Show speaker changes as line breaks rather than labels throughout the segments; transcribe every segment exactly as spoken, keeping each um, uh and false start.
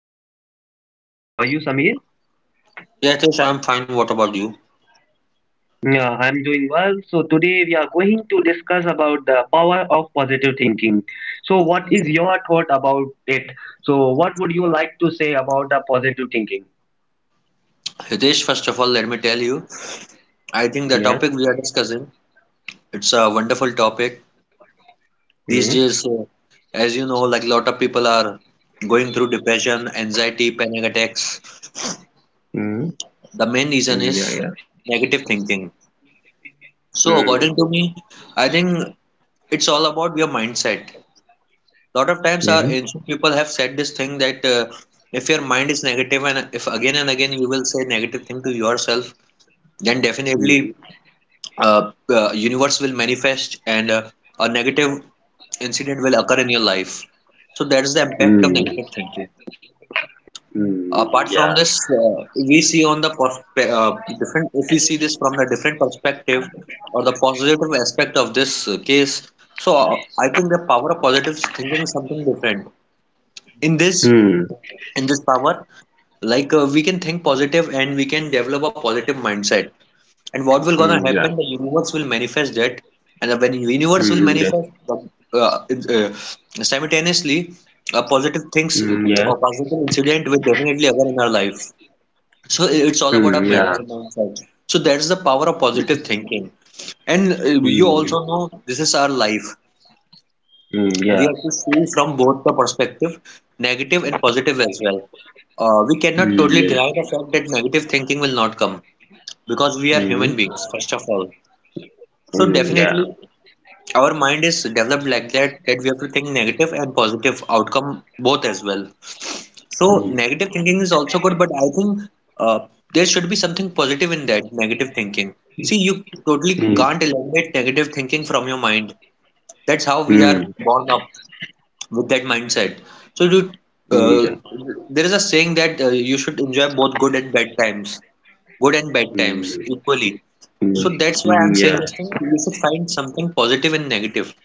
guest is Samir. How are you, Samir?
Yeah, Hitesh, I'm fine. What about you?
Yeah, I'm doing well. So today we are going to discuss about the power of positive thinking. So what is your thought about it? So what would you like to say about the positive thinking?
Hitesh, first of all, let me tell you, I think the
Yeah.
topic we are discussing, it's a wonderful topic.
Mm.
These days, uh, as you know, like a lot of people are going through depression, anxiety, panic attacks.
Mm.
The main reason
Yeah. Yeah.
is negative thinking. So
Mm.
according to me, I think it's all about your mindset. Lot of times
Mm.
our ancient people have said this thing that uh, if your mind is negative and if again and again you will say negative thing to yourself, then
Mm.
definitely uh, uh, universe will manifest and uh, a negative incident will occur in your life. So that's the impact of
Mm.
negative thinking.
Mm.
Apart
Yeah.
from this, uh, we see on the perspe- uh, different. If we see this from the different perspective or the positive aspect of this uh, case, so uh, I think the power of positive thinking is something different. In this,
Mm.
in this power, like uh, we can think positive and we can develop a positive mindset, and what will
Mm.
gonna
Yeah.
happen? The universe will manifest that, and when universe will
Mm. Yeah.
manifest uh, uh, simultaneously, uh, positive things
Mm. Yeah.
or positive incident will definitely occur in our life. So it's all about
Mm.
our
Yeah.
mental mindset. So that's the power of positive thinking. And uh, you
Mm.
also know this is our life.
Mm.
We
Yeah.
have to see from both the perspective, negative and positive as well. Uh, we cannot
Mm.
totally
Yeah.
deny the fact that negative thinking will not come because we are
Mm.
human beings, first of all. So
Mm. Yeah.
definitely our mind is developed like that that we have to think negative and positive outcome both as well. So
Mm,
negative thinking is also good, but I think uh, there should be something positive in that negative thinking. See, you totally
mm,
can't eliminate negative thinking from your mind. That's how we are
mm,
born up with that mindset. So you,
mm,
uh,
yeah,
there is a saying that uh, you should enjoy both good and bad times, good and bad times
mm,
equally.
mm,
So that's why I'm
mm,
saying
yeah,
this thing. You should find something positive and negative.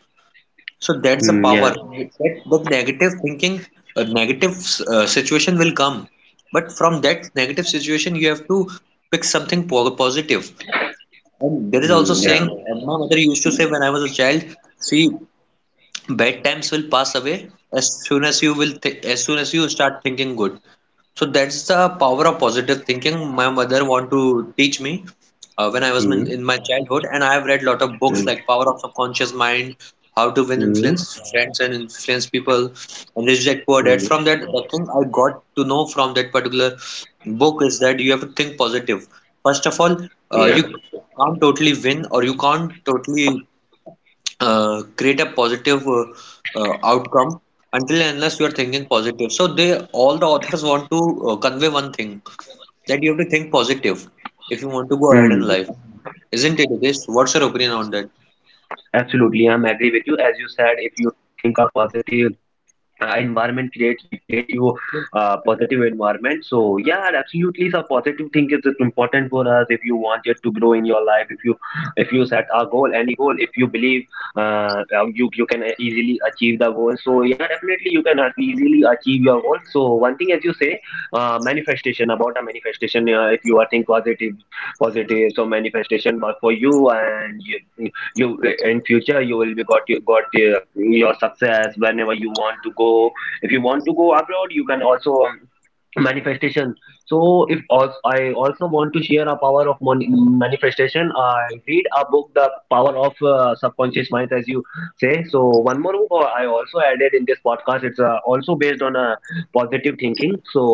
So that's the
mm,
power.
yeah,
That, that negative thinking, a negative uh, situation will come. But from that negative situation, you have to pick something po- positive. And there is also
mm,
saying,
yeah,
uh, my mother used to say when I was a child, see, bad times will pass away as soon as you will, th- as soon as you start thinking good. So that's the power of positive thinking. My mother want to teach me uh, when I was in,
mm,
in my childhood, and I have read lot of books
mm,
like Power of Subconscious Mind, How to Win
mm,
Influence Friends and Influence People, and Rich Dad Poor Dad.
mm,
From that, the thing I got to know from that particular book is that you have to think positive. First of all, uh,
yeah,
you can't totally win or you can't totally uh, create a positive uh, uh, outcome until and unless you are thinking positive. So they all the authors want to uh, convey one thing that you have to think positive if you want to go ahead in
mm.
life, isn't it, Hitesh? What's your opinion on that?
Absolutely, I'm agree with you. As you said, if you think a positive, uh, environment create create you uh, positive environment, so yeah, absolutely, so positive thing is just important for us if you want it to grow in your life. If you, if you set a goal, any goal, if you believe uh, uh, you, you can easily achieve the goal. So yeah, definitely you can easily achieve your goal. So one thing, as you say, uh, manifestation, about a manifestation, uh, if you are think positive, positive, so manifestation work for you and you, you in future you will be got your, got your, your success whenever you want to go. If you want to go abroad, you can also um, manifestation. So if als- I also want to share a power of mon- manifestation. I read a book, the power of uh, subconscious mind, as you say. So one more book, uh, I also added in this podcast. It's uh, also based on a positive thinking. So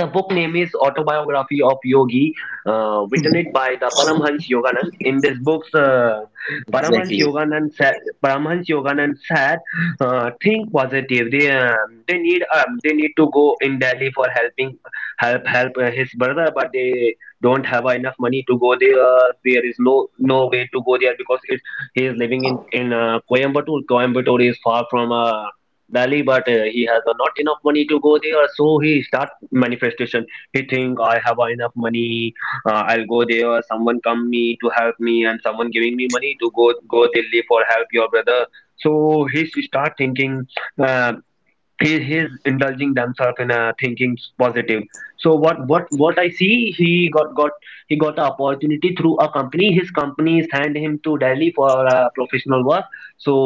the book name is Autobiography of Yogi, uh, written it by the Paramhans Yoganand. In this book, uh,
Exactly.
Paramhans Yoganand said, Paramhans Yoganand said, uh, think positive. They um, they need um, they need to go in Delhi for helping help help uh, his brother, but they don't have enough money to go there. There is no no way to go there because it's, he is living in in uh, Coimbatore. Coimbatore is far from uh, Delhi, but uh, he has uh, not enough money to go there, so he started manifestation. He think I have enough money, uh, I'll go there, someone come me to help me, and someone giving me money to go go delhi for help your brother. So he s- start thinking, uh, he, he's indulging themselves in uh, thinking positive. So what what what I see, he got got he got an opportunity through a company. His company sent him to delhi for uh, professional work. So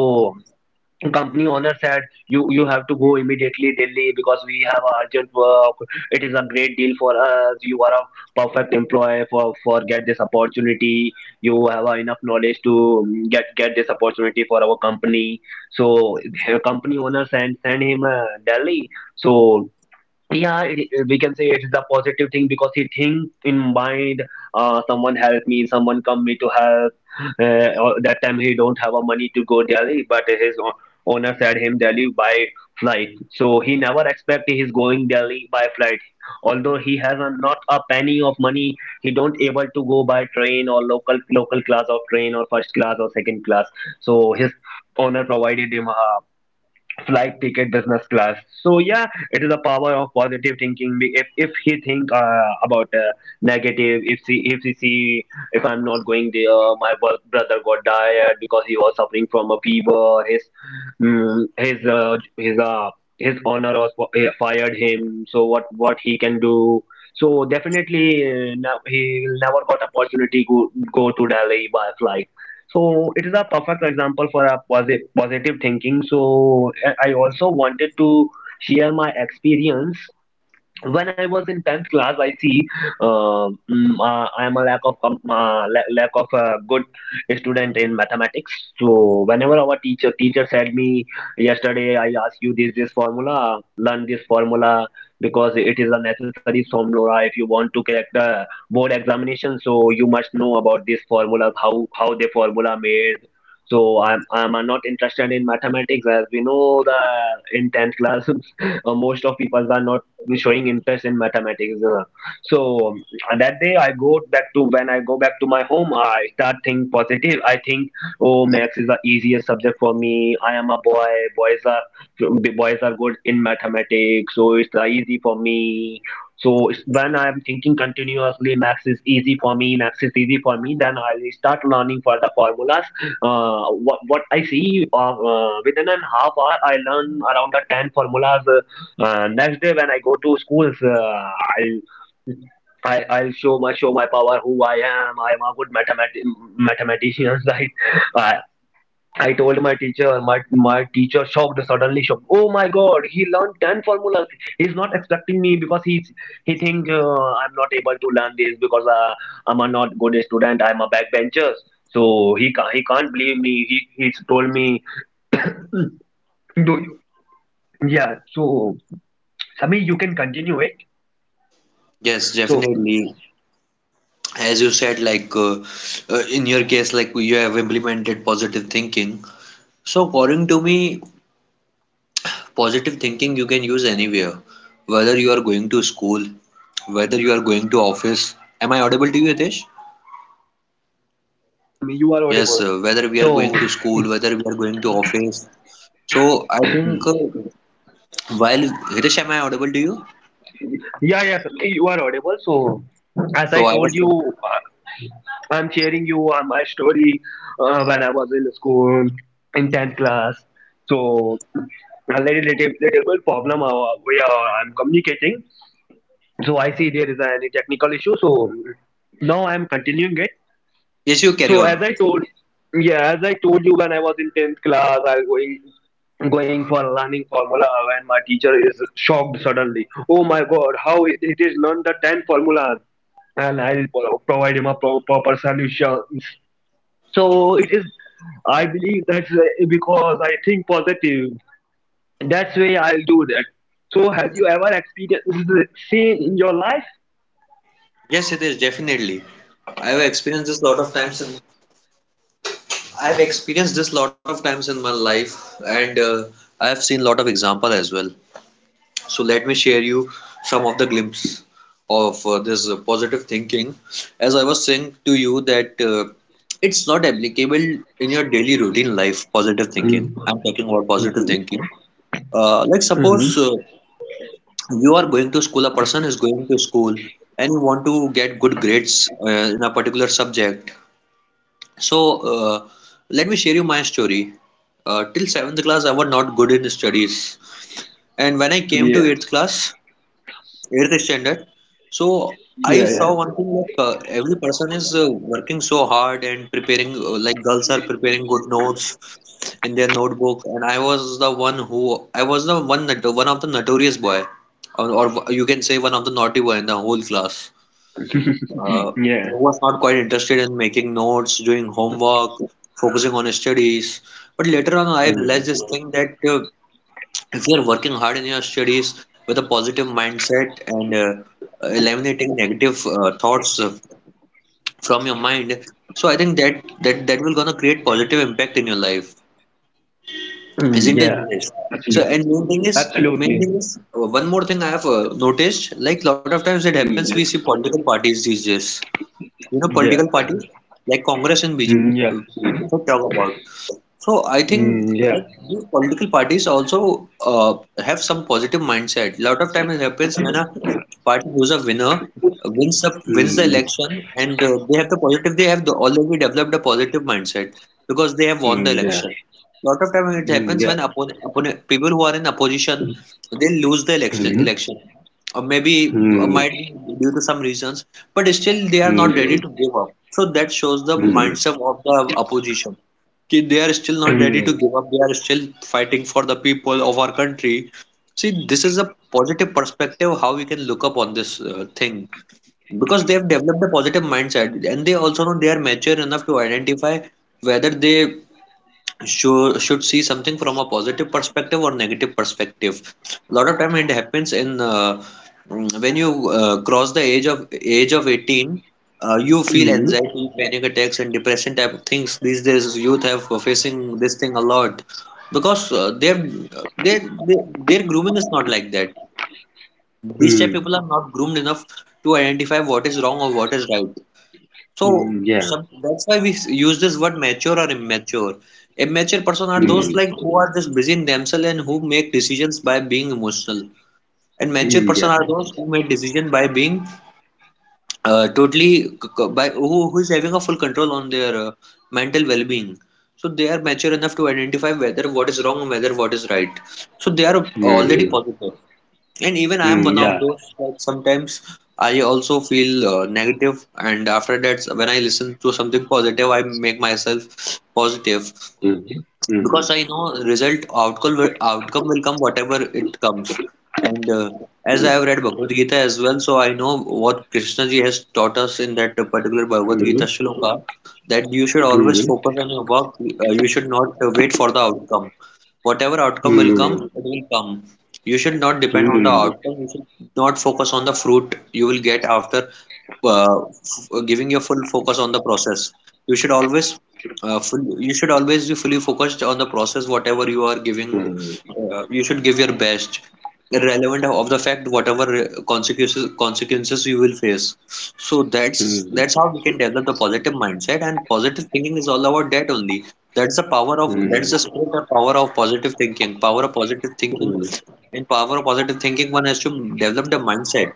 company owner said, you you have to go immediately delhi because we have a urgent work. It is a great deal for us. You are a perfect employee for for get this opportunity. You have a enough knowledge to mm, get get this opportunity for our company. So the company owner sent send him uh, delhi. So yeah, it, it- we can say it is a positive thing because he think in mind, uh, someone help me, someone come me to help, uh, or that time he don't have a money to go delhi, but his o- owner said him delhi by flight. So he never expect he's going delhi by flight, although he has a, not a penny of money. He don't able to go by train or local local class or train, or first class or second class. So his owner provided him a flight ticket business class. So yeah, it is a power of positive thinking. Be- if, if he think uh, about uh, negative, if he, if he see, if I'm not going there, my bro- brother got died because he was suffering from a fever. His mm, his uh, his uh, his honor was fi- uh, fired him. So what what he can do? So definitely, uh, now he will never got opportunity to go to delhi by flight. So it is a perfect example for a posi- positive thinking. So I I also wanted to share my experience. When I was in tenth class, I see uh, mm, uh, I am a lack of com- uh, la- lack of a good student in mathematics. So whenever our teacher teacher said me, yesterday I asked you this this formula, learn this formula because it is a necessary formula if you want to crack the board examination. So you must know about this formula, how how the formula made. So I'm I'm not interested in mathematics. As we know, the in tenth class uh, most of people are not showing interest in mathematics. uh. So that day I go back to, when I go back to my home, I start think positive. I think, oh, maths is the easiest subject for me. I am a boy. Boys are, the boys are good in mathematics, so it's uh, easy for me. So it's- when I am thinking continuously, maths is easy for me, maths is easy for me, then I'll start learning for the formulas. Uh, what what I see, uh, uh, within an half hour, I learn around the ten formulas. Uh, uh, next day when I go to schools, uh, I'll, I, I'll show my show my power who I am. I'm a good mathemat- mathematician. Right? I I told my teacher. My my teacher shocked, suddenly shocked. Oh my God, he learned ten formulas! He's not expecting me, because he's, he think uh, I'm not able to learn this because uh, I'm a not good student. I'm a backbencher. So he can't, he can't believe me. He he's told me, do you? Yeah. So Sami, you can continue it.
Yes,
So
definitely. As you said, like uh, uh, in your case, like you have implemented positive thinking. So according to me, positive thinking you can use anywhere, whether you are going to school, whether you are going to office. Am I audible to you, Hitesh?
yeah, yeah, Sami, you are
Yes,
audible.
uh, whether we are
So
going to school, whether we are going to office. So I think uh, while Hitesh, am I audible to you?
yeah, yeah, Sami, you are audible. So, as I
So I
told
was.
you, uh, I'm sharing you uh, my story, uh, when I was in school in tenth class. So, a little, little, little bit problem uh, where I'm communicating. So, I see there is any technical issue. So, now I'm continuing it.
Yes, you carry
So as
on.
I told, yeah, as I told you, when I was in tenth class, I was going going for learning formula when my teacher is shocked suddenly. Oh my God, how it it is learned the ten formulas, and I will provide him a pro- proper solution. So it is. I believe that's why, because I think positive, that's why I'll do that. So have you ever experienced the same in your life?
Yes, it is definitely. I have experienced this lot of times in. I have experienced this lot of times in my life, and uh, I have seen lot of example as well. So let me share you some of the glimpse of uh, this uh, positive thinking. As I was saying to you that uh, it's not applicable in your daily routine life. Positive thinking. I'm
Mm-hmm.
talking about positive thinking. Uh, like
Mm-hmm.
suppose uh, you are going to school, a person is going to school, and you want to get good grades uh, in a particular subject. So uh, let me share you my story. Uh, till seventh class, I was not good in studies, and when I came
Yeah.
to eighth class, eighth standard. So I
Yeah.
saw one thing like uh, every person is uh, working so hard and preparing uh, like girls are preparing good notes in their notebook, and I was the one who I was the one that one of the notorious boy or, or you can say one of the naughty boy in the whole class, uh,
Yeah.
who was not quite interested in making notes, doing homework, focusing on studies. But later on, I
Yeah.
realized this thing that uh, if you're working hard in your studies with a positive mindset and uh, eliminating negative uh, thoughts uh, from your mind, so I think that that that will gonna create positive impact in your life,
Mm,
isn't it?
yeah.
Dinesh? So
Absolutely.
and main thing is main
Absolutely.
thing is uh, one more thing I have uh, noticed, like lot of times it
Mm.
happens we
Yeah.
see political parties these days, you know,
Yeah,
political parties like Congress and
mm, yeah,
B J P, if I talk about. So I think
mm, yeah,
like new political parties also uh, have some positive mindset. A lot of time it happens when a party who's a winner uh, wins the wins the
mm,
election, and uh, they have the positive. They have the, already developed a positive mindset because they have won the
mm, yeah,
election. A lot of time it
mm,
happens
yeah,
when opponent, opponent people who are in opposition, they lose the election
mm,
election, or maybe uh,
mm,
might be due to some reasons, but still they are not ready
mm.
to give up. So that shows the mindset of the opposition ki they are still not ready to give up. They are still fighting for the people of our country. See, this is a positive perspective how we can look up on this uh, thing because they have developed a positive mindset, and they also know they are mature enough to identify whether they should, should see something from a positive perspective or negative perspective. A lot of time it happens in uh, mm, when you uh, cross the age of age of eighteen, uh, you feel anxiety, panic attacks, and depression type of things. These days, youth have uh, facing this thing a lot because uh, they they their grooming is not like that. These type people are not groomed enough to identify what is wrong or what is right. So
Yeah.
some, that's why we use this word mature or immature. Immature person are those
Mm,
like who are just busy in themselves and who make decisions by being emotional. And mature person are those who make decision by being uh, totally c- c- by who, who is having a full control on their uh, mental well-being. So they are mature enough to identify whether what is wrong and whether what is right. So they are already positive. And even I'm one of those that sometimes I also feel uh, negative, and after that, when I listen to something positive, I make myself positive
mm,
because I know result outcome will, outcome will come whatever it comes. And uh, as I have read Bhagavad Gita as well, so I know what Krishna ji has taught us in that particular
mm,
Bhagavad Gita
mm,
shloka, that you should
mm,
always
yeah,
focus on your work. Uh, you should not uh, wait for the outcome. Whatever outcome will
mm,
come,
mm,
it will come. You should not
mm,
depend
yeah, mm. Yeah, mm, yeah, mm,
on the
mm, mm, mm, mm,
outcome. You should not focus on the fruit you will get after uh, f- giving your full focus on the process. You should always uh, full, you should always be fully focused on the process. Whatever you are giving, uh, you should give your best, irrelevant of the fact whatever uh, consequences consequences you will face. So that's that's how we can develop the positive mindset, and positive thinking is all about that only. That's the power of that's the spirit and power of positive thinking. Power of positive thinking in power of positive thinking, one has to develop the mindset.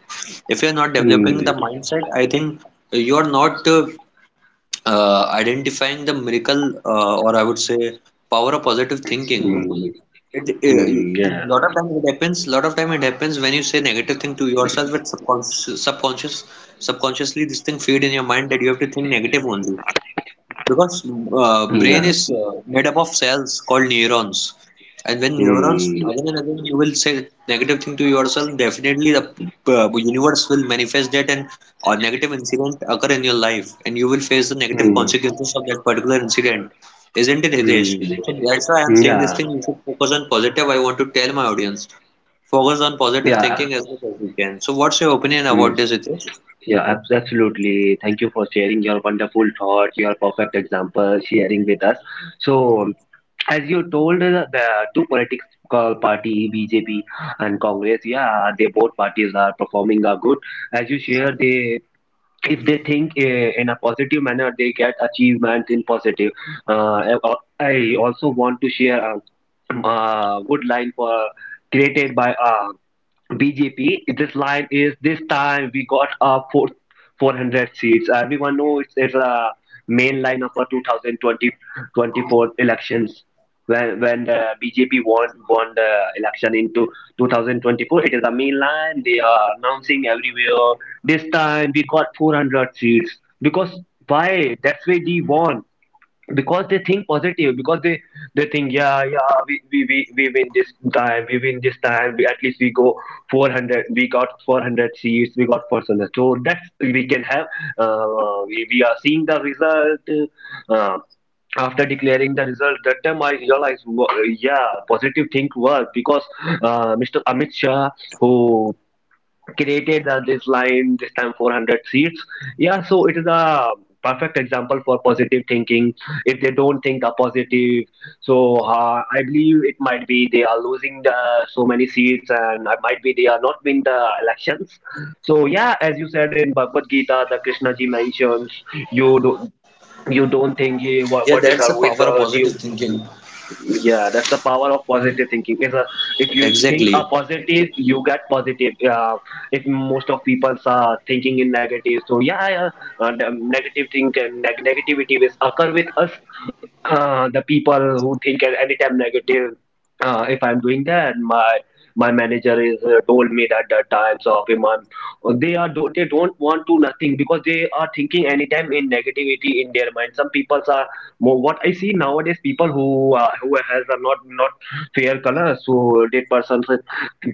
If you're not developing the
mm,
mindset, I think you're not uh, uh, identifying the miracle uh, or I would say power of positive
mm, mm, mm, yes, mm, mm, mm,
thinking.
yes, mm,
It,
mm, mm, yeah,
uh, lot of time it happens. Lot of time it happens when you say negative thing to yourself. It's subconscious, subconscious, subconsciously this thing feed in your mind that you have to think negative only. Because uh, brain
yeah,
is uh, made up of cells called neurons, and when neurons
mm,
again and again you will say negative thing to yourself, definitely the uh, universe will manifest that and a negative incident occur in your life, and you will face the negative
mm,
consequences of that particular incident. Isn't it, Hitesh? So
mm,
that's why I'm saying this
yeah,
thing. You should focus on positive. I want to tell my audience focus on positive
yeah,
thinking as much as you can. So what's your opinion
mm,
about this, Hitesh?
yeah, abs- absolutely. Thank you for sharing your wonderful thoughts, your perfect example, sharing with us. So, as you told, uh, the two politics uh, party, B J P and Congress, yeah, they both parties are performing are good. As you share, they, if they think uh, in a positive manner, they get achievements in positive. Uh, I I also want to share a, a good line for created by uh, B J P. This line is, this time we got a four, 400 seats. Everyone knows it's, it's a main line of our twenty twenty-four elections. When, when the B J P won, won the election into twenty twenty-four, it is a main line. They are announcing everywhere. This time we got four hundred seats. Because why? That's why they won, because they think positive, because they they think yeah yeah, we we, we, we win this time, we win this time, we, at least we go four hundred, we got four hundred seats, we got four hundred. So that's, we can have uh, we, we are seeing the result, uh, after declaring the result. That time I realized, wo-, yeah, positive think work, because uh, Mr. Amit Shah, who created uh, this line, this time four hundred seats. Yeah, so it is a perfect example for positive thinking. If they don't think a positive, so uh, I believe it might be they are losing the, so many seats, and it might be they are not winning the elections. So yeah, as you said, in Bhagavad Gita the Krishna ji mentions, you do, you don't think he, what, what is a wizard you. Yeah, that's the power of positive thinking. Is a, if you think a positive, you get positive. Uh, if most of people are thinking in negative, so yeah, yeah, uh, the negative think, and neg- negativity is occur with us. Uh, the people who think at any time negative, Uh, if I'm doing that, my my manager is uh, told me that the times of a month, uh, they are do, they don't want to nothing because they are thinking anytime in negativity in their mind. Some people are Mo- what I see nowadays, people who uh, who has a not not fair color, so that person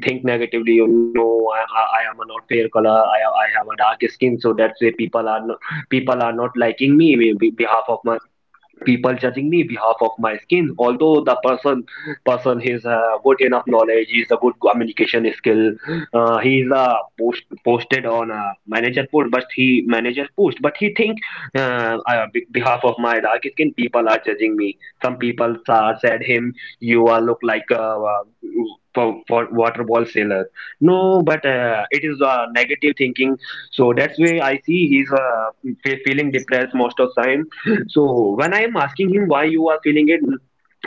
think negatively. You know, I, I I am a not fair color. I I have a dark skin, so that's why people are not people are not liking me be- be- behalf of my people judging me behalf of my skin, although the person person is uh, good enough knowledge, he's a good communication skill. Uh, he's uh, post, posted on a manager post, but he manager post but he think uh, uh, be- behalf of my dark skin people are judging me. Some people uh, said him, you are look like a, uh, for, for water ball sailor. No, but uh, it is uh, negative thinking. So that's why I see he's uh, fe- feeling depressed most of time. So when I am asking him why you are feeling it,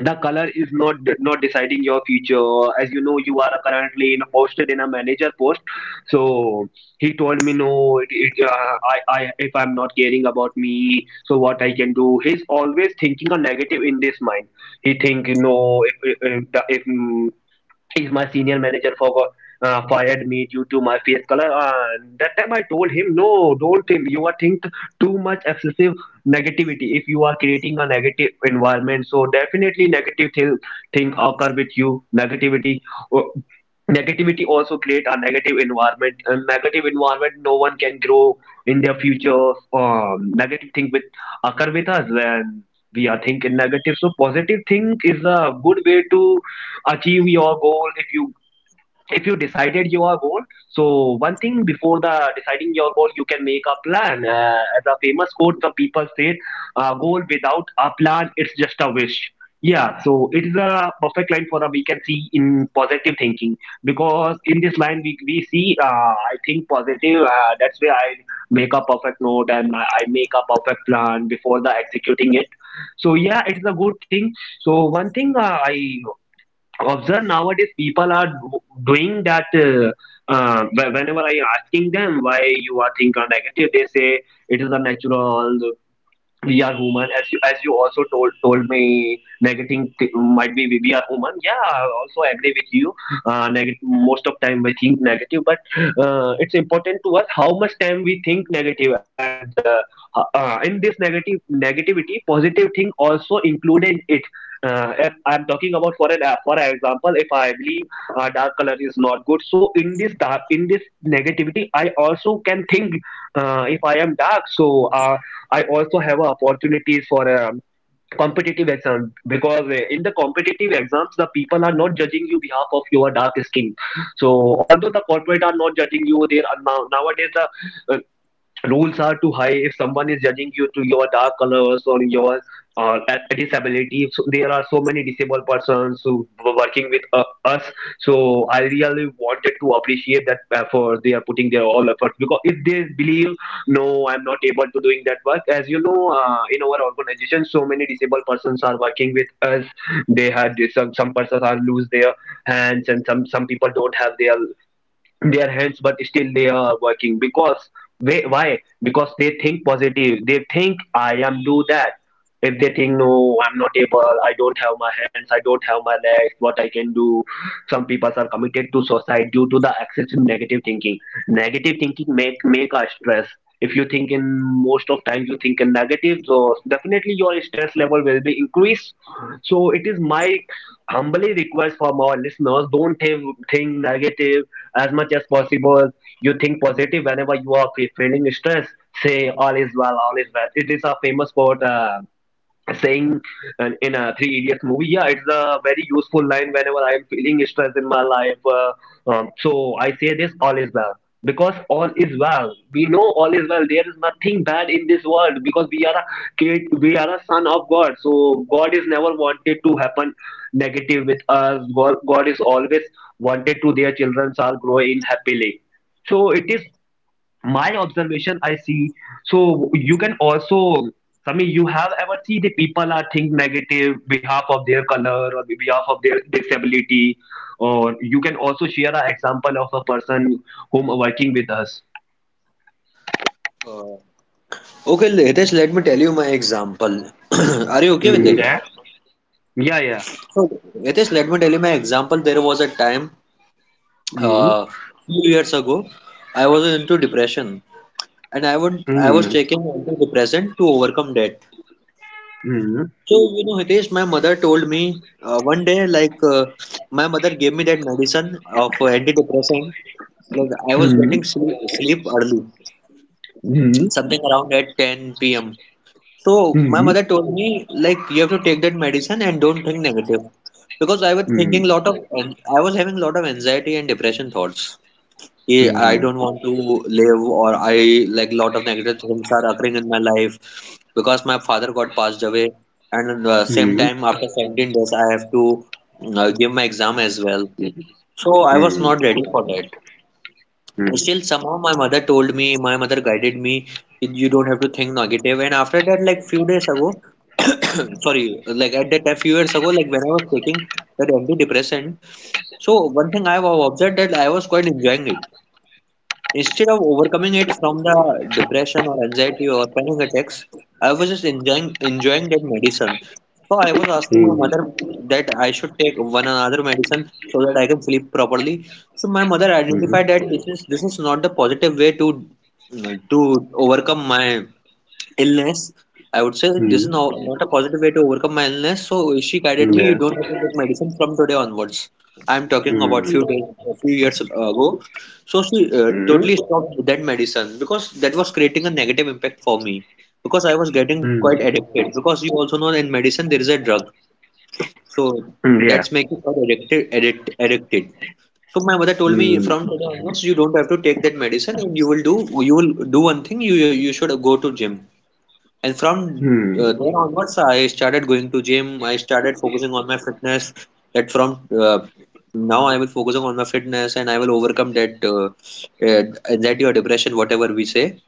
the color is not not deciding your future. As you know, you are currently in a posted in a manager post. So he told me, no, it, it, uh, I, I if I'm not caring about me, so what I can do? He's always thinking a negative in this mind. He think, no, if if, if is my senior manager for uh, fired me due to my face color. Uh, that time I told him, no, don't think, you are think too much excessive negativity. If you are creating a negative environment, so definitely negative thing thing occur with you. Negativity, uh, negativity also create a negative environment, and negative environment no one can grow in their future. Um, negative thing with occur with us when we are thinking negative. So positive thing is a good way to achieve your goal if you if you decided your goal. So one thing before the deciding your goal, you can make a plan. Uh, as a famous quote some people say, a goal without a plan it's just a wish. Yeah, so it is a perfect line for a we can see in positive thinking, because in this line we, we see, uh, I think positive. Uh, that's where I make a perfect note, and i I make a perfect plan before the executing it. So yeah, it's a good thing. So one thing, uh, I observe nowadays people are do- doing that. Uh, uh, wh- whenever I asking them why you are think are negative, they say it is a natural, we are human. As you as you also told told me negative th- might be we we are human. Yeah, I also agree with you. Uh neg- most of time we think negative, but uh, it's important to us how much time we think negative. And uh, uh, in this negative negativity positive thing also included it. Uh, if I'm talking about for an uh, for example, if I believe uh, dark color is not good, so in this dark in this negativity I also can think, uh, if I am dark, so uh, I also have uh, opportunities for a competitive exam, because uh, in the competitive exams, the people are not judging you behalf of your dark skin. So although the corporate are not judging you, they are now nowadays the uh, rules are too high. If someone is judging you to your dark colors or your uh, a- disability, so there are so many disabled persons who were working with uh, us. So I really wanted to appreciate that effort, they are putting their all efforts, because if they believe, no, I'm not able to doing that work. As you know, uh, in our organization so many disabled persons are working with us. They had some, some persons are lose their hands, and some some people don't have their their hands, but still they are working, because they, why? Because they think positive. They think, I am do that. If they think, no, I'm not able, I don't have my hands, I don't have my legs, what I can do? Some people are committed to suicide due to the excessive negative thinking. Negative thinking make make us stress. If you think in most of times you think in negative, so definitely your stress level will be increased. So it is my humbly request from our listeners, don't think, think negative as much as possible. You think positive whenever you are fe- feeling stress. Say all is well, all is well. It is a famous quote uh, saying, and in a Three Idiots movie. Yeah, it's a very useful line whenever I am feeling stress in my life. Uh, um, so I say this, all is well, because all is well. We know all is well. There is nothing bad in this world, because we are a kid, we are a son of God. So God is never wanted to happen negative with us. God, God is always wanted to their children shall grow in happily. So it is my observation I see. So you can also, Sami, you have ever see the people are think negative behalf of their color or behalf of their disability, or you can also share an example of a person whom working with us.
Uh, okay, Hitesh, let me tell you my example. Are you okay with
mm.
it?
Yeah. yeah yeah
So, Hitesh, let me tell you my example. There was a time,
mm.
uh, few years ago, I was into depression, and I would I was
Mm.
taking antidepressant to overcome that.
Mm.
So, you know, Hitesh, my mother told me uh, one day, like uh, my mother gave me that medicine of uh, antidepressant. Like I was
Mm.
getting sleep, sleep early,
Mm.
something around at ten p m. So
Mm.
my
Mm.
mother told me like you have to take that medicine and don't think negative because I was
Mm.
thinking
Mm.
lot of and I was having lot of anxiety and depression thoughts. Yeah, I don't want to live or I like lot of negative things are occurring in my life because my father got passed away and uh, same
Mm.
time after seventeen days I have to uh, give my exam as well. So I was not ready for that. Still, somehow my mother told me, my mother guided me, you don't have to think negative. And after that, like few days ago, sorry, like at that time, few years ago, like when I was taking that antidepressant, so one thing I have observed that I was quite enjoying it. Instead of overcoming it from the depression or anxiety or panic attacks, I was just enjoying enjoying that medicine. So I was asking my
Mm. Mm.
mother that I should take one another medicine so that I can sleep properly. So my mother identified that this is this is not the positive way to to overcome my illness, I would say this is
Mm.
no, not a positive way to overcome my illness. So she guided
Mm.
me, you
Yes.
don't have to take medicine from today onwards. I'm talking about
Mm.
few days, a few years ago. So she uh,
Mm.
totally stopped that medicine because that was creating a negative impact for me because I was getting
Mm.
quite addicted. Because you also know in medicine there is a drug, so
Mm.
that's making quite addicted, addict, addicted. So my mother told me
Mm,
from today onwards you don't have to take that medicine and you will do you will do one thing you you should go to gym and from
mm,
uh, there onwards, I started going to gym. I started focusing on my fitness. That from uh, now I will focusing on my fitness, and I will overcome that uh, uh, anxiety or depression, whatever we say.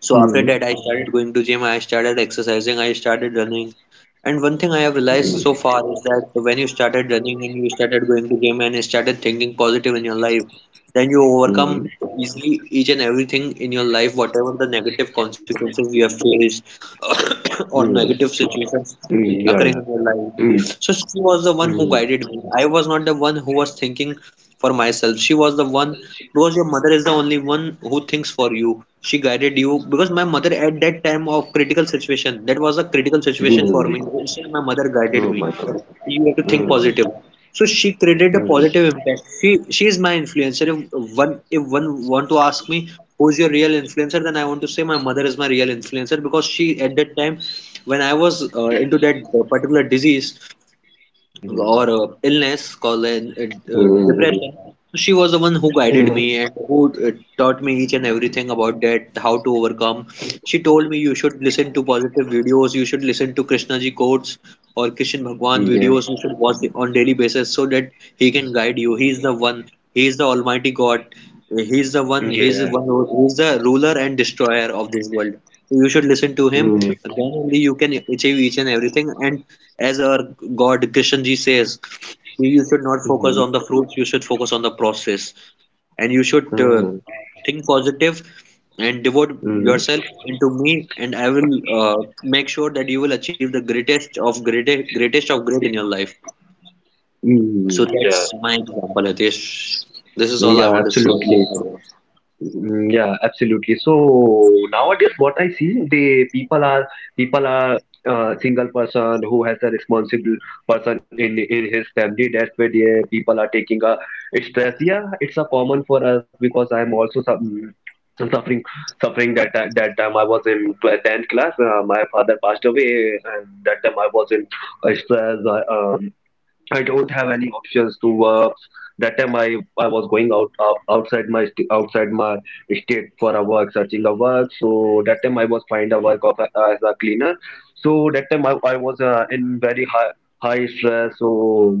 So after that, I started going to gym, I started exercising, I started running. And one thing I have realized so
mm,
far is that when you started running and you started going to gym and you started thinking positive in your life, then you
mm,
overcome easily each and everything in your life, whatever the negative consequences you have faced or
mm,
negative situations
mm, yeah,
occurring
yeah.
in your life.
Mm,
So she was the one who
mm,
guided me. I was not the one who was thinking for myself. She was the one because your mother is the only one who thinks for you. She guided you because my mother at that time of critical situation, that was a critical situation for
mm.
me. Still, my mother guided
Oh
me.
my God.
You have to think
Mm,
positive. So she created a positive
mm,
impact. She she is my influencer. If one if one want to ask me who's your real influencer, then I want to say my mother is my real influencer because she at that time when I was uh, into that uh, particular disease
mm,
or uh, illness called an- uh, uh,
mm,
depression, so she was the one who guided me and who uh, taught me each and everything about that, how to overcome. She told me you should listen to positive videos, you should listen to Krishna ji quotes or Krishna
mm,
Bhagwan
yeah,
videos, you should watch it on daily basis so that he can guide you. He is the one, he is the Almighty God, he is the one, he is the
yeah.
one, who is the ruler and destroyer of this world. So you should listen to him,
Mm,
then only you can achieve each and everything. And as our God Krishna ji says, you should not focus
mm,
on the fruits, you should focus on the process and you should uh,
mm,
think positive and devote
mm,
yourself into me and I will uh, make sure that you will achieve the greatest of greatest, greatest of great in your life. So
mm, yeah,
that's my example, Hitesh. This is all I
yeah,
want to say.
absolutely. Mm, Yeah, absolutely. So nowadays, what I see, the people are people are uh, single person who has a responsible person in in his family. That's where the people are taking a stress. Yeah, it's a common for us, because I'm also some suffering suffering that ti- that time I was in tw- tenth class. Uh, my father passed away, and that time I was in uh, stress. Uh, um, I don't have any options to work. That time I, I was going out, out outside my st- outside my state for a work, searching a work. So that time I was find a work of a, as a cleaner. So that time I, I was uh, in very high high stress. So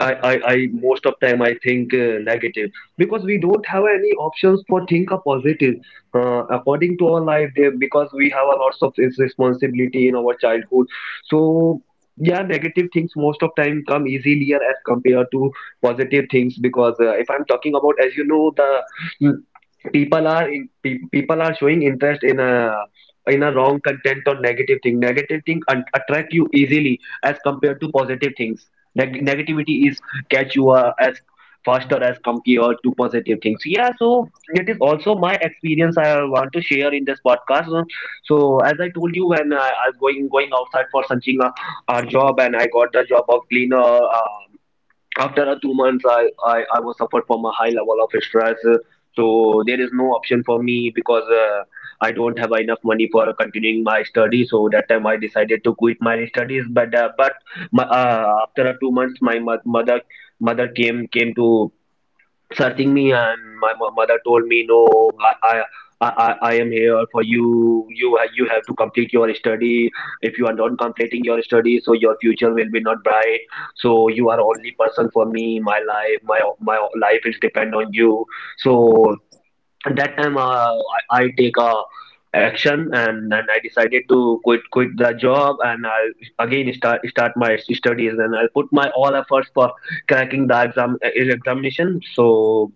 I, I, I most of time I think uh, negative, because we don't have any options for think a positive uh, according to our life there, because we have a lots of is- responsibility in our childhood. So yeah, negative things most of time come easier as compared to positive things, because uh, if I'm talking about, as you know, the people are in, pe- people are showing interest in a in a wrong content or negative thing negative thing un- attract you easily as compared to positive things. Neg- negativity is catch you uh, as faster as compared to positive things. Yeah, so it is also my experience I want to share in this podcast. So so as I told you, when i, I was going going outside for searching a, a job, and I got the job of cleaner. Uh, after a two months, I, I I was suffered from a high level of stress. Uh, so there is no option for me, because uh, I don't have enough money for continuing my study. So that time I decided to quit my studies, but uh, but my, uh, after a two months my mo- mother mother came came to searching me, and my mo- mother told me, no, I, I I, I I am here for you. You ha- you have to complete your study. If you are not completing your study, so your future will be not bright. So you are only person for me. My life, my my life is depend on you. So at that time, uh, I, I take a action, and, and I decided to quit quit the job, and I'll again start start my studies, and I'll put my all efforts for cracking the exam eh, examination. So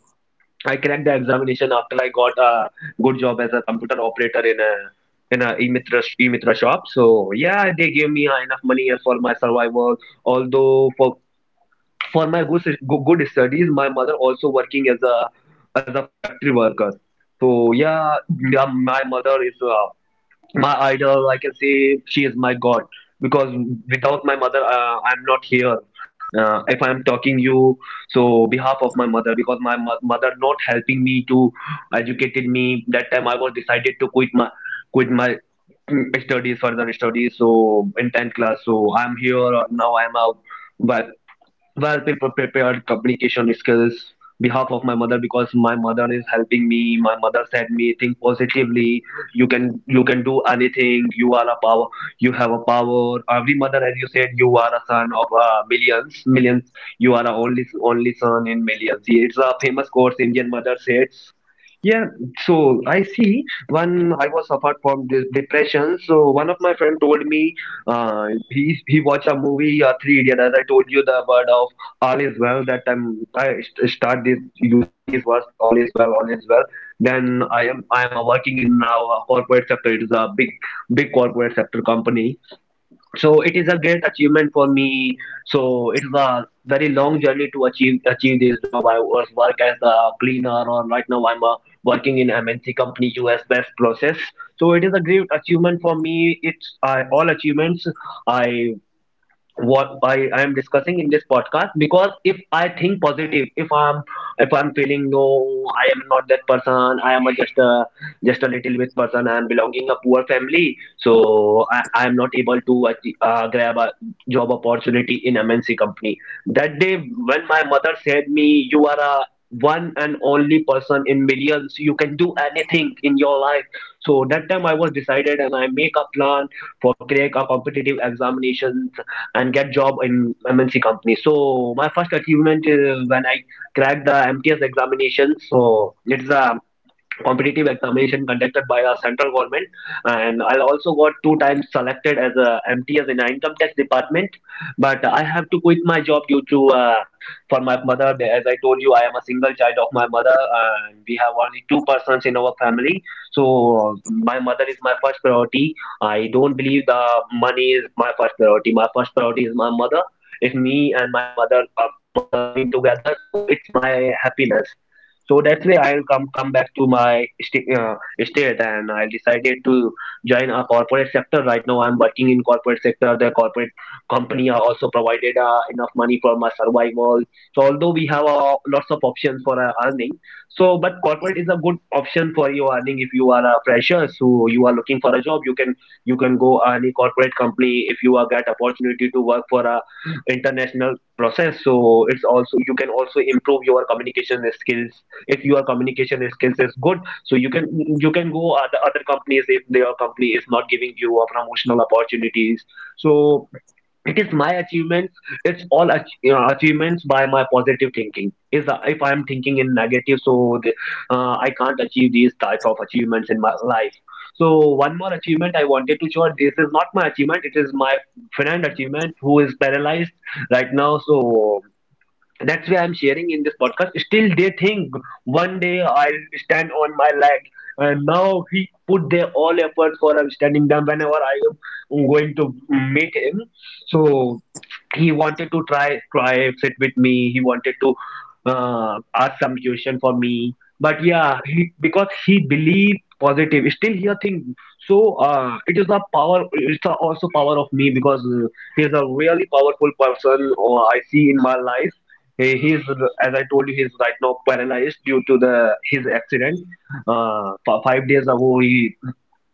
I cracked the examination, after I got a good job as a computer operator in a in a Emitra Emitra shop. So yeah, they gave me uh, enough money for my survival. Although for for my good good good studies, my mother also working as a as a factory worker. So yeah, yeah, my mother is uh, my idol. I can say she is my God because without my mother uh, I'm not here. Uh, if I'm talking you, so behalf of my mother because my mo- mother not helping me to educated me, that time I was decided to quit my quit my mm, studies, further studies, so in tenth class. So I'm here, uh, now I'm out. Well, people prepared communication skills behalf of my mother because my mother is helping me. My mother said me think positively. You can you can do anything. You are a power. You have a power. Every mother, as you said, you are a son of uh, millions millions. You are a only only son in millions. It's a famous quote Indian mother says. Yeah. So I see. When I was suffered from this depression, so one of my friend told me, uh, he he watched a movie, uh, Three Idiot. As I told you, the word of all is well. That time I st- start this using these words, all is well, all is well. Then I am I am uh, working in uh, a corporate sector. It is a big big corporate sector company. So it is a great achievement for me. So it was a very long journey to achieve achieve this job. I was work as a cleaner, or right now I'm uh, working in M N C company, U S based process. So it is a great achievement for me. It's uh, all achievements I what I, I am discussing in this podcast because if I think positive, if I'm if I'm feeling no, I am not that person. I am a, just a just a little bit person. I am belonging a poor family, so I, I am not able to achieve, uh, grab a job opportunity in M N C company. That day when my mother said me, "You are a one and only person in millions. You can do anything in your life." So that time I was decided and I make a plan for crack a competitive examination and get job in M N C company. So my first achievement is when I cracked the M T S examination. So it's the competitive examination conducted by our central government, and I also got two times selected as a M T S in the income tax department, but I have to quit my job due to uh, for my mother. As I told you, I am a single child of my mother and we have only two persons in our family. So uh, my mother is my first priority. I don't believe the money is my first priority. My first priority is my mother. It's me and my mother uh, mother living together, so it's my happiness. So that's why I'll come come back to my sta uh, state, and I decided to join a corporate sector. Right now, I'm working in corporate sector. The corporate company are also provided uh, enough money for my survival. So although we have uh, lots of options for uh, earning, so but corporate is a good option for your earning if you are a fresher. So you are looking for a job, you can you can go any corporate company if you are get opportunity to work for a international process, so it's also you can also improve your communication skills. If your communication skills is good, so you can you can go other other companies if their company is not giving you a promotional opportunities. So it is my achievements. It's all ach- you know, achievements by my positive thinking is, uh, if I am thinking in negative, so the, uh, I can't achieve these type of achievements in my life. So one more achievement I wanted to share. This is not my achievement, it is my friend achievement who is paralyzed right now. So that's why I'm sharing in this podcast. Still, they think one day I'll stand on my leg, and now he put their all effort for uh, standing down whenever I am going to meet him. So he wanted to try try sit with me. He wanted to uh, ask some question for me, but yeah, he, because he believed positive, still he a thing. So uh, it is a power, it's a also power of me because uh, he is a really powerful person or I see in my life. He, he's as I told you, he's right now paralyzed due to the his accident. Uh, f- five days ago, he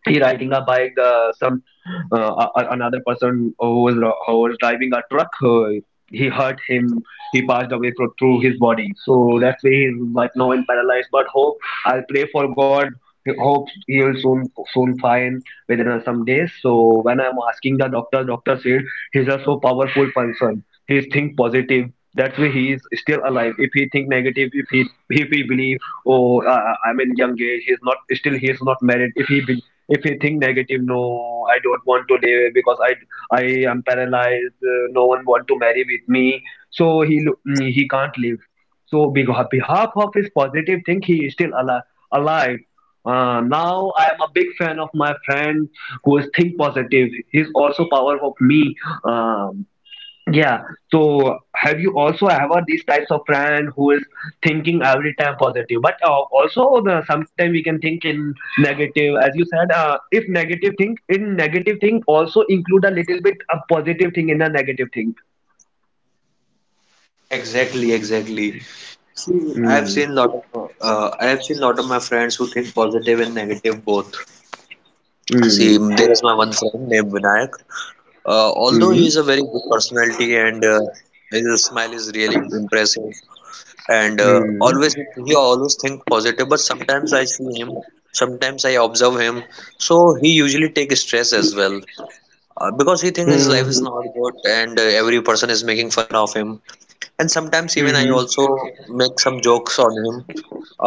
he riding a bike, the some uh, a- a- another person who was who was driving a truck, uh, he hurt him. He passed away through, through his body, so that's why he's right now in paralyzed. But hope, I'll pray for God, hope he will soon soon find within uh, some days. So when I'm asking the doctor, doctor said he's a so powerful person. He's think positive. That's why he is still alive. If he think negative, if he if he believe, oh, uh, uh, I'm in young age, he's not still, he is not married. If he be, if you think negative, no, I don't want to live because i i am paralyzed. Uh, no one want to marry with me, so he lo- mm, he can't live. So beha- behalf of his positive thing, he is still alive alive. Uh, now I am a big fan of my friend who is think positive. He's also power of me. Um yeah. So have you also ever these types of friend who is thinking every time positive, but uh, also the sometimes we can think in negative, as you said. Uh, if negative think in negative thing also include a little bit of positive thing in the negative thing.
Exactly, exactly. See, I have
Mm.
seen lot of uh, I have seen lot of my friends who think positive and negative both. See,
Mm.
there is my one friend named Vinayak. Uh, although he is
Mm.
a very good personality and uh, his smile is really impressive, and uh,
Mm.
always he always think positive but sometimes I see him sometimes I observe him so he usually take stress as well uh, because he thinks his life is
Mm.
not good and uh, every person is making fun of him and sometimes even I
Mm.
also make some jokes on him,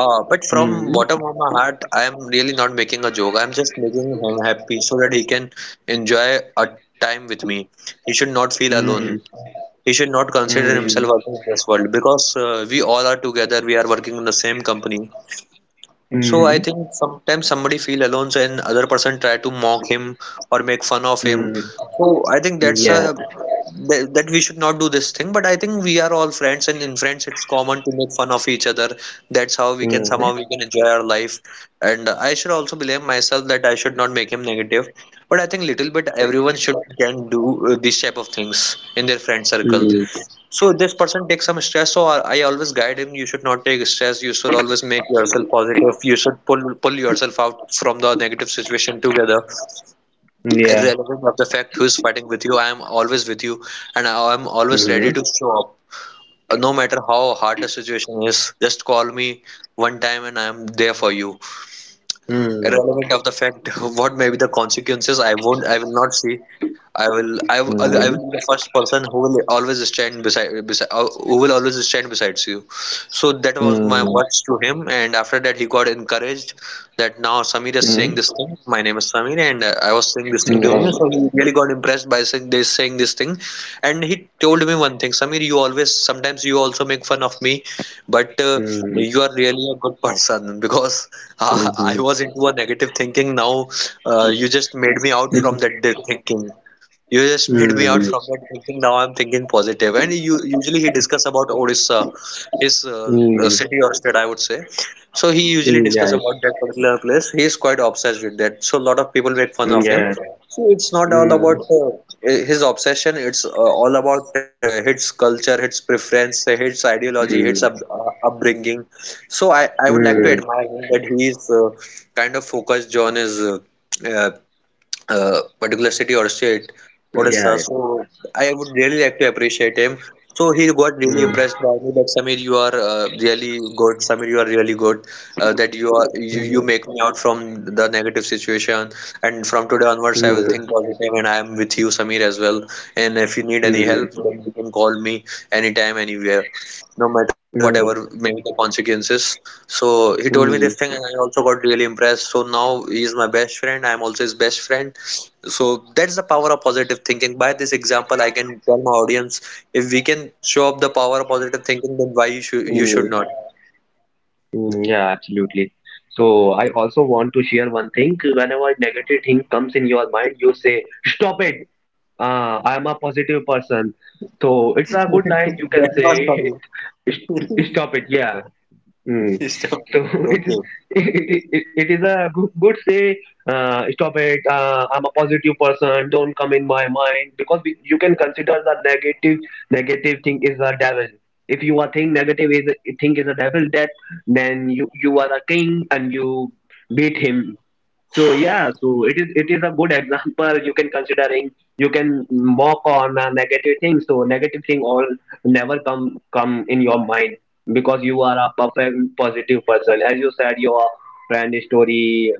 uh, but from
Mm.
bottom of my heart I am really not making a joke, I'm just making him happy so that he can enjoy a time with me. He should not feel alone,
Mm.
he should not consider himself
Mm.
against this world, because uh, we all are together, we are working in the same company. So I
Mm.
think sometimes somebody feel alone so and other person try to mock him or make fun of him.
Mm.
So I think that's a
Yes.
that, that we should not do this thing, but I think we are all friends and in friends it's common to make fun of each other. That's how we can
Mm.
somehow we can enjoy our life, and I should also blame myself that I should not make him negative. But I think little bit everyone should can do uh, these type of things in their friend circle.
Mm.
So this person takes some stress, so I I always guide him. You should not take stress. You should always make yourself positive. You should pull pull yourself out from the negative situation together.
Yeah.
Irrelevant of the fact who is fighting with you, I am always with you, and I am always ready
Mm.
to show up. Uh, No matter how hard the situation is, just call me one time, and I am there for you.
Mm.
Irrelevant of the fact what may be the consequences, I won't. I will not see. I will, I will, I will be the first person who will always stand beside, beside, uh, who will always stand beside you. So that was my
Mm.
words to him, and after that he got encouraged that now Samir is saying
Mm.
this thing. My name is Samir, and uh, I was saying this thing to him. So he
Yes.
really got impressed by saying this, saying this thing, and he told me one thing, Samir, you always, sometimes you also make fun of me, but uh,
Mm.
you are really a good person because uh,
Mm-hmm.
I was into a negative thinking. Now uh, you just made me out from
Mm.
that thinking. You just made me out from that thinking. Now I'm thinking positive. And you usually he discuss about Odisha, his uh, uh,
Mm.
city or state, I would say. So he usually
Mm.
discuss about
Yes.
that particular place. He is quite obsessed with that. So a lot of people make fun
Mm,
of him.
yeah.
See, it's not all
Mm.
about uh, his obsession. It's uh, all about uh, his culture, his preference, uh, his ideology, his up,
Mm.
uh, upbringing. So I, I would like to
Mm.
admire him that he is uh, kind of focused on his. Uh, uh, uh, particular city or state, Odisha.
Yeah.
So I would really like to appreciate him. So he got really
Mm.
impressed by me that Samir, you are uh, really good. Samir, you are really good. Uh, that you are you, you
Mm.
make me out from the negative situation. And from today onwards, I will
Mm.
think positive, and I am with you, Samir, as well. And if you need any
Mm.
help, then you can call me anytime, anywhere, no matter whatever
Mm.
may be the consequences. So he told me this
Mm.
thing, and I also got really impressed. So now he is my best friend. I am also his best friend. So that's the power of positive thinking. By this example, I can tell my audience if we can show up the power of positive thinking, then why you should you
Mm.
should
Mm.
not.
Yeah, absolutely. So I also want to share one thing. Whenever negative thing comes in your mind, you say, "Stop it! Uh, I am a positive person." So it's a good line you can
That
say,
was for me.
"Stop it!" Yeah. Mm.
Stop.
So
Okay,
it, it, it, it is a good, good say, uh, stop it, uh, I'm a positive person, don't come in my mind, because we, you can consider the negative, negative thing is a devil. If you are think negative is a, think is a devil, that then you, you are a king and you beat him. So yeah, so it is it is a good example you can considering, you can mock on a negative thing. So negative thing all never come come in your mind because you are a perfect positive person. As you said, your friend story,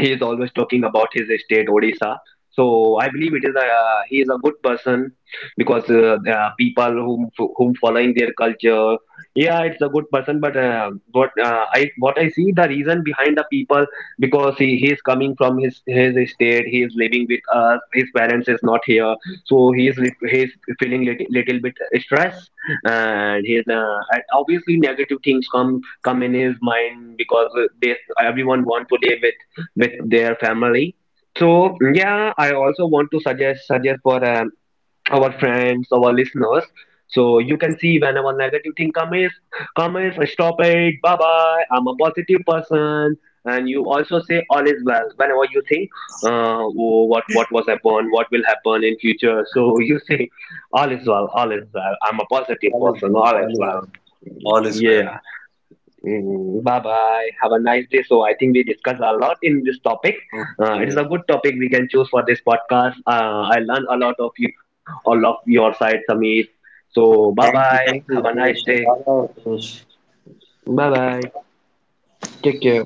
he is always talking about his state Odisha. So I believe it is a, he is a good person because uh, the people whom whom following their culture, yeah, it's a good person, but uh, what uh, i what i see the reason behind the people, because he, he is coming from his his state. He is living with us, his parents is not here, so he is lit- he is feeling little, little bit stress, and he is uh, and obviously negative things come come in his mind because uh, they everyone want to live with their family. So yeah, I also want to suggest suggest for um, our friends, our listeners. So you can see whenever negative thing comes, comments, stop it, bye bye. I'm a positive person, and you also say all is well whenever you think, uh, oh, what what was happen, what will happen in future. So you say all is well, all is well. I'm a positive
all is
person,
well,
all
all
is
is well.
well.
All is well.
Yeah. Mm, bye bye. Have a nice day. So I think we discussed a lot in this topic. Uh, it is
Okay.
a good topic we can choose for this podcast. Uh, I learned a lot of you, all of your side, Samir. So bye
Thank you,
bye.
thank you,
Have a nice
Ritesh.
day.
Bye bye, Ritesh.
Bye bye. Take care.